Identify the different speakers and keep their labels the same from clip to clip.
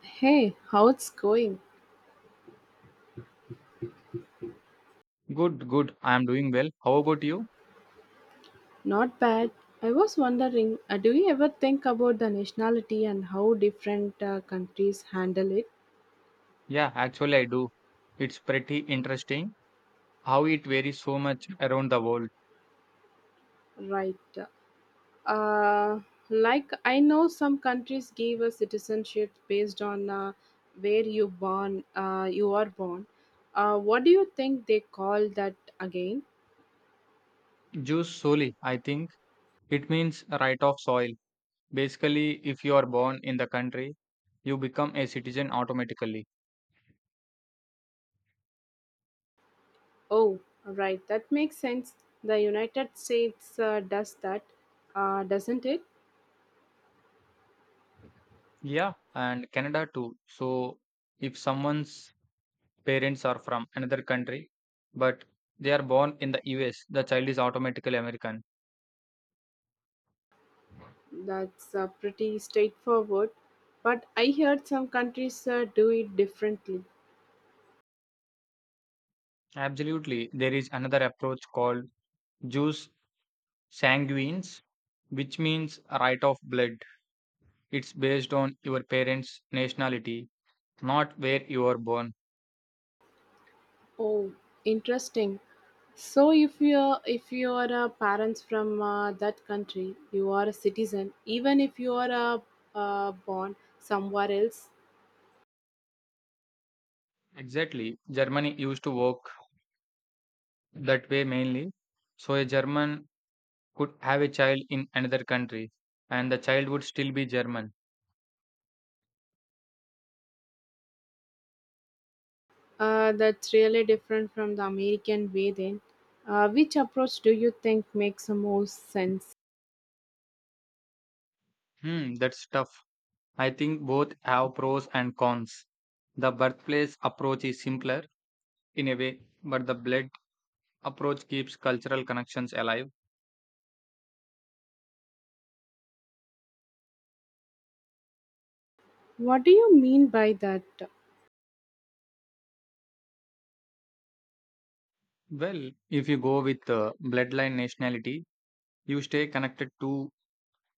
Speaker 1: Hey, how it's going?
Speaker 2: Good, good. I am doing well. How about you?
Speaker 1: Not bad. I was wondering, do you ever think about the nationality and how different countries handle it?
Speaker 2: Yeah, actually, I do. It's pretty interesting how it varies so much around the world.
Speaker 1: Right. Uh, like, I know some countries give a citizenship based on where you born. You are born. What do you think they call that again?
Speaker 2: Juice soli, I think it means right of soil. Basically, if you are born in the country, you become a citizen automatically.
Speaker 1: Oh, right. That makes sense. The United States does that, doesn't it?
Speaker 2: Yeah, and Canada too. So, if someone's parents are from another country, but they are born in the US, the child is automatically American.
Speaker 1: That's pretty straightforward, but I heard some countries do it differently.
Speaker 2: Absolutely. There is another approach called Jews Sanguines, which means right of blood. It's based on your parents' nationality, not where you were born.
Speaker 1: Oh, interesting. So if you are parents from that country, you are a citizen. Even if you are born somewhere else.
Speaker 2: Exactly. Germany used to work that way mainly. So a German could have a child in another country and the child would still be German.
Speaker 1: That's really different from the American way. Then, which approach do you think makes the most sense?
Speaker 2: That's tough. I think both have pros and cons. The birthplace approach is simpler in a way, but the blood approach keeps cultural connections alive.
Speaker 1: What do you mean by that?
Speaker 2: Well, if you go with bloodline nationality, you stay connected to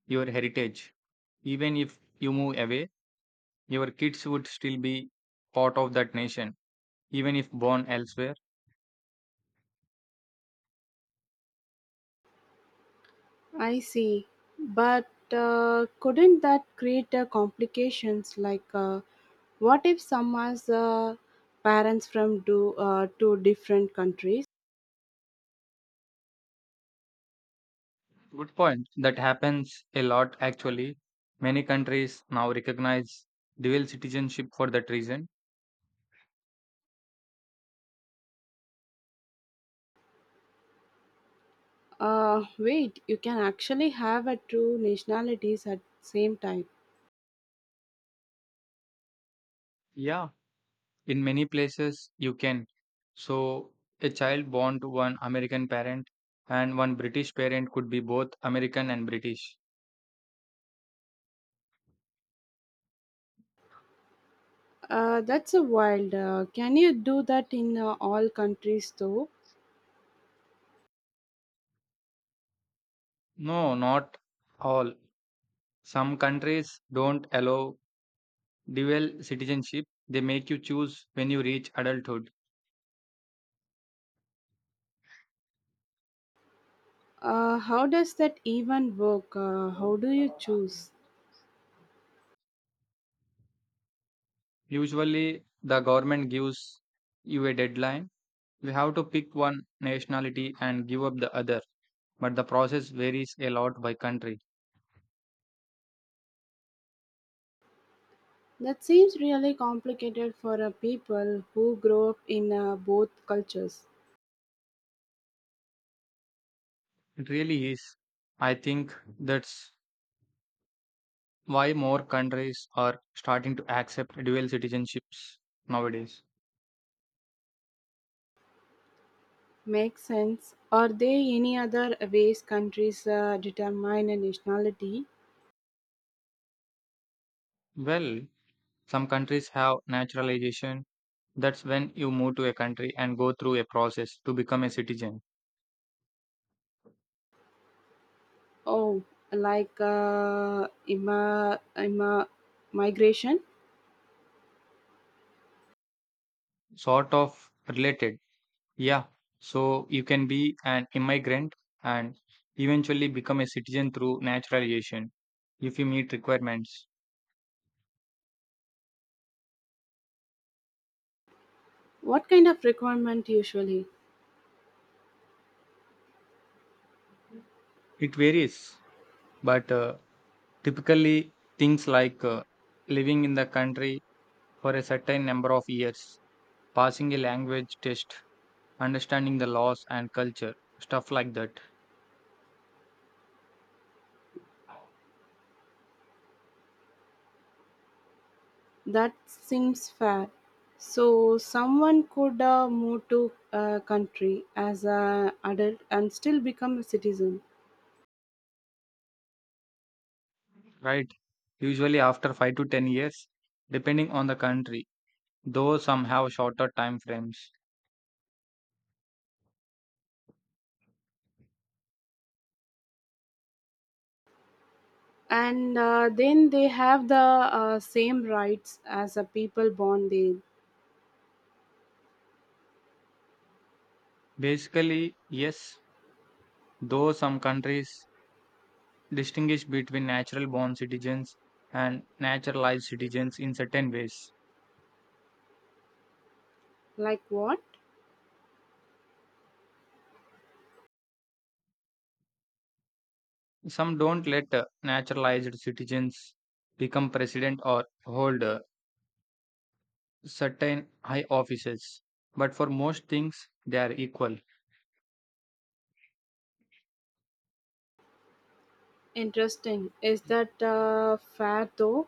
Speaker 2: your heritage. Even if you move away, your kids would still be part of that nation, even if born elsewhere.
Speaker 1: I see. But couldn't that create complications? Like, what if someone's parents from do, two different countries?
Speaker 2: Good point. That happens a lot actually. Many countries now recognize dual citizenship for that reason.
Speaker 1: Wait, you can actually have a two nationalities at same time.
Speaker 2: Yeah, in many places you can. So, a child born to one American parent and one British parent could be both American and British.
Speaker 1: That's a wild. Can you do that in all countries though?
Speaker 2: No, not all. Some countries don't allow dual citizenship. They make you choose when you reach adulthood.
Speaker 1: How does that even work? How do you choose?
Speaker 2: Usually the government gives you a deadline. You have to pick one nationality and give up the other, but the process varies a lot by country.
Speaker 1: That seems really complicated for a people who grow up in both cultures.
Speaker 2: It really is. I think that's why more countries are starting to accept dual citizenships nowadays.
Speaker 1: Makes sense. Are there any other ways countries determine a nationality?
Speaker 2: Well, some countries have naturalization. That's when you move to a country and go through a process to become a citizen.
Speaker 1: Oh, like migration?
Speaker 2: Sort of related. Yeah. So you can be an immigrant and eventually become a citizen through naturalization if you meet requirements.
Speaker 1: What kind of requirement usually?
Speaker 2: It varies, but typically things like living in the country for a certain number of years, passing a language test, understanding the laws and culture, stuff like that,
Speaker 1: That seems fair. So someone could move to a country as an adult and still become a citizen.
Speaker 2: right? Usually after 5 to 10 years, depending on the country, though some have shorter time frames.
Speaker 1: And then they have the same rights as a people born there.
Speaker 2: Basically, yes, though some countries distinguish between natural born citizens and naturalized citizens in certain ways.
Speaker 1: Like what?
Speaker 2: Some don't let naturalized citizens become president or hold certain high offices, but for most things, they are equal.
Speaker 1: Interesting. Is that fair though?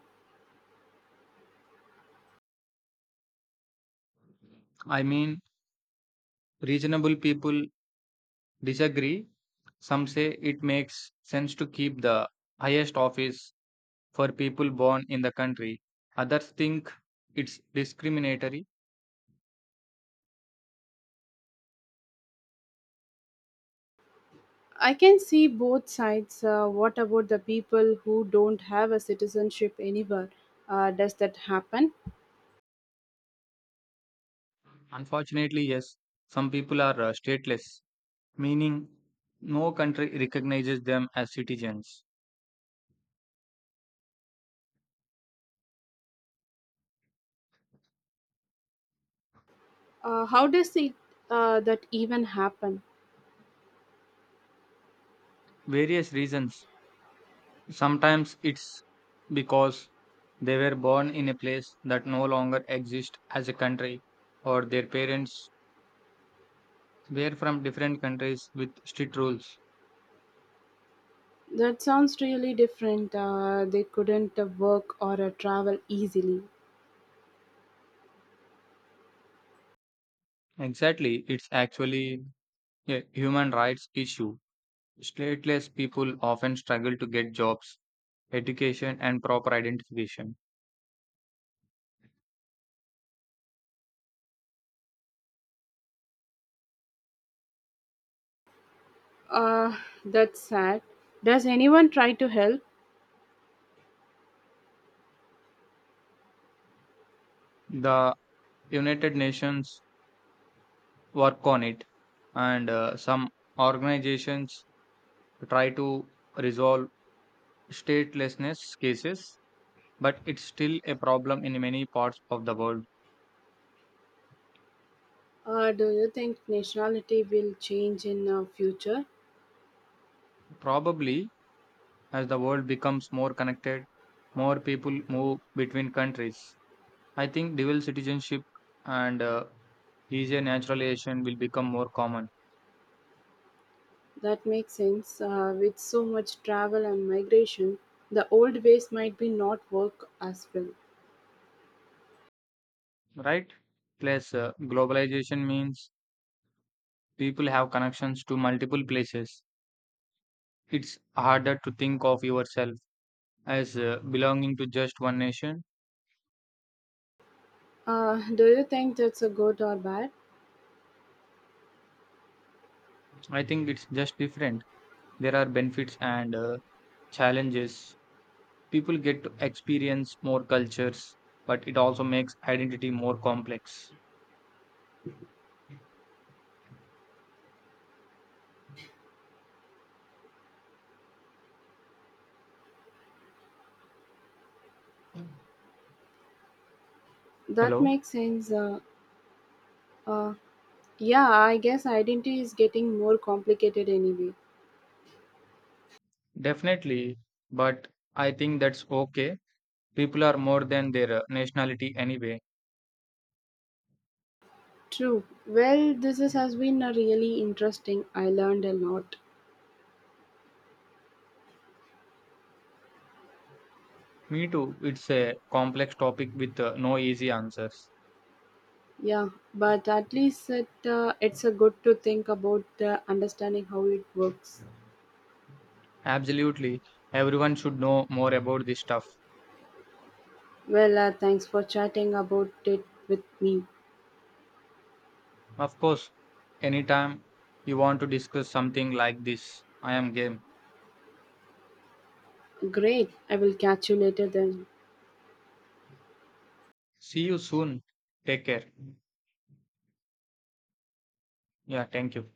Speaker 2: I mean, reasonable people disagree. Some say it makes sense to keep the highest office for people born in the country. Others think it's discriminatory.
Speaker 1: I can see both sides. What about the people who don't have a citizenship anywhere? Does that happen?
Speaker 2: Unfortunately, yes, some people are stateless, meaning no country recognizes them as citizens.
Speaker 1: How does it that even happen?
Speaker 2: Various reasons. Sometimes it's because they were born in a place that no longer exists as a country, or their parents were from different countries with strict rules.
Speaker 1: That sounds really different. They couldn't work or travel easily.
Speaker 2: Exactly, it's actually a human rights issue. Stateless people often struggle to get jobs, education, and proper identification.
Speaker 1: uh, that's sad. Does anyone try to help?
Speaker 2: The United Nations work on it, and some organizations try to resolve statelessness cases, but it's still a problem in many parts of the world.
Speaker 1: Do you think nationality will change in future?
Speaker 2: Probably, as the world becomes more connected, more people move between countries. I think dual citizenship and easier naturalization will become more common.
Speaker 1: That makes sense. With so much travel and migration, the old ways might be not work as well.
Speaker 2: Right? Plus, globalization means people have connections to multiple places. It's harder to think of yourself as belonging to just one nation.
Speaker 1: Do you think that's a good or bad?
Speaker 2: I think it's just different. There are benefits and challenges. People get to experience more cultures, but it also makes identity more complex.
Speaker 1: That
Speaker 2: Hello?
Speaker 1: makes sense. Uh, yeah, I guess identity is getting more complicated anyway.
Speaker 2: Definitely, but I think that's okay. People are more than their nationality anyway.
Speaker 1: True. Well, this is, has been a really interesting. I learned a lot.
Speaker 2: Me too. It's a complex topic with no easy answers.
Speaker 1: Yeah, but at least it, it's a good to think about understanding how it works.
Speaker 2: Absolutely. Everyone should know more about this stuff.
Speaker 1: Well, thanks for chatting about it with me.
Speaker 2: Of course, anytime you want to discuss something like this, I am game.
Speaker 1: Great, I will catch you later then.
Speaker 2: See you soon. Take care. Yeah, thank you.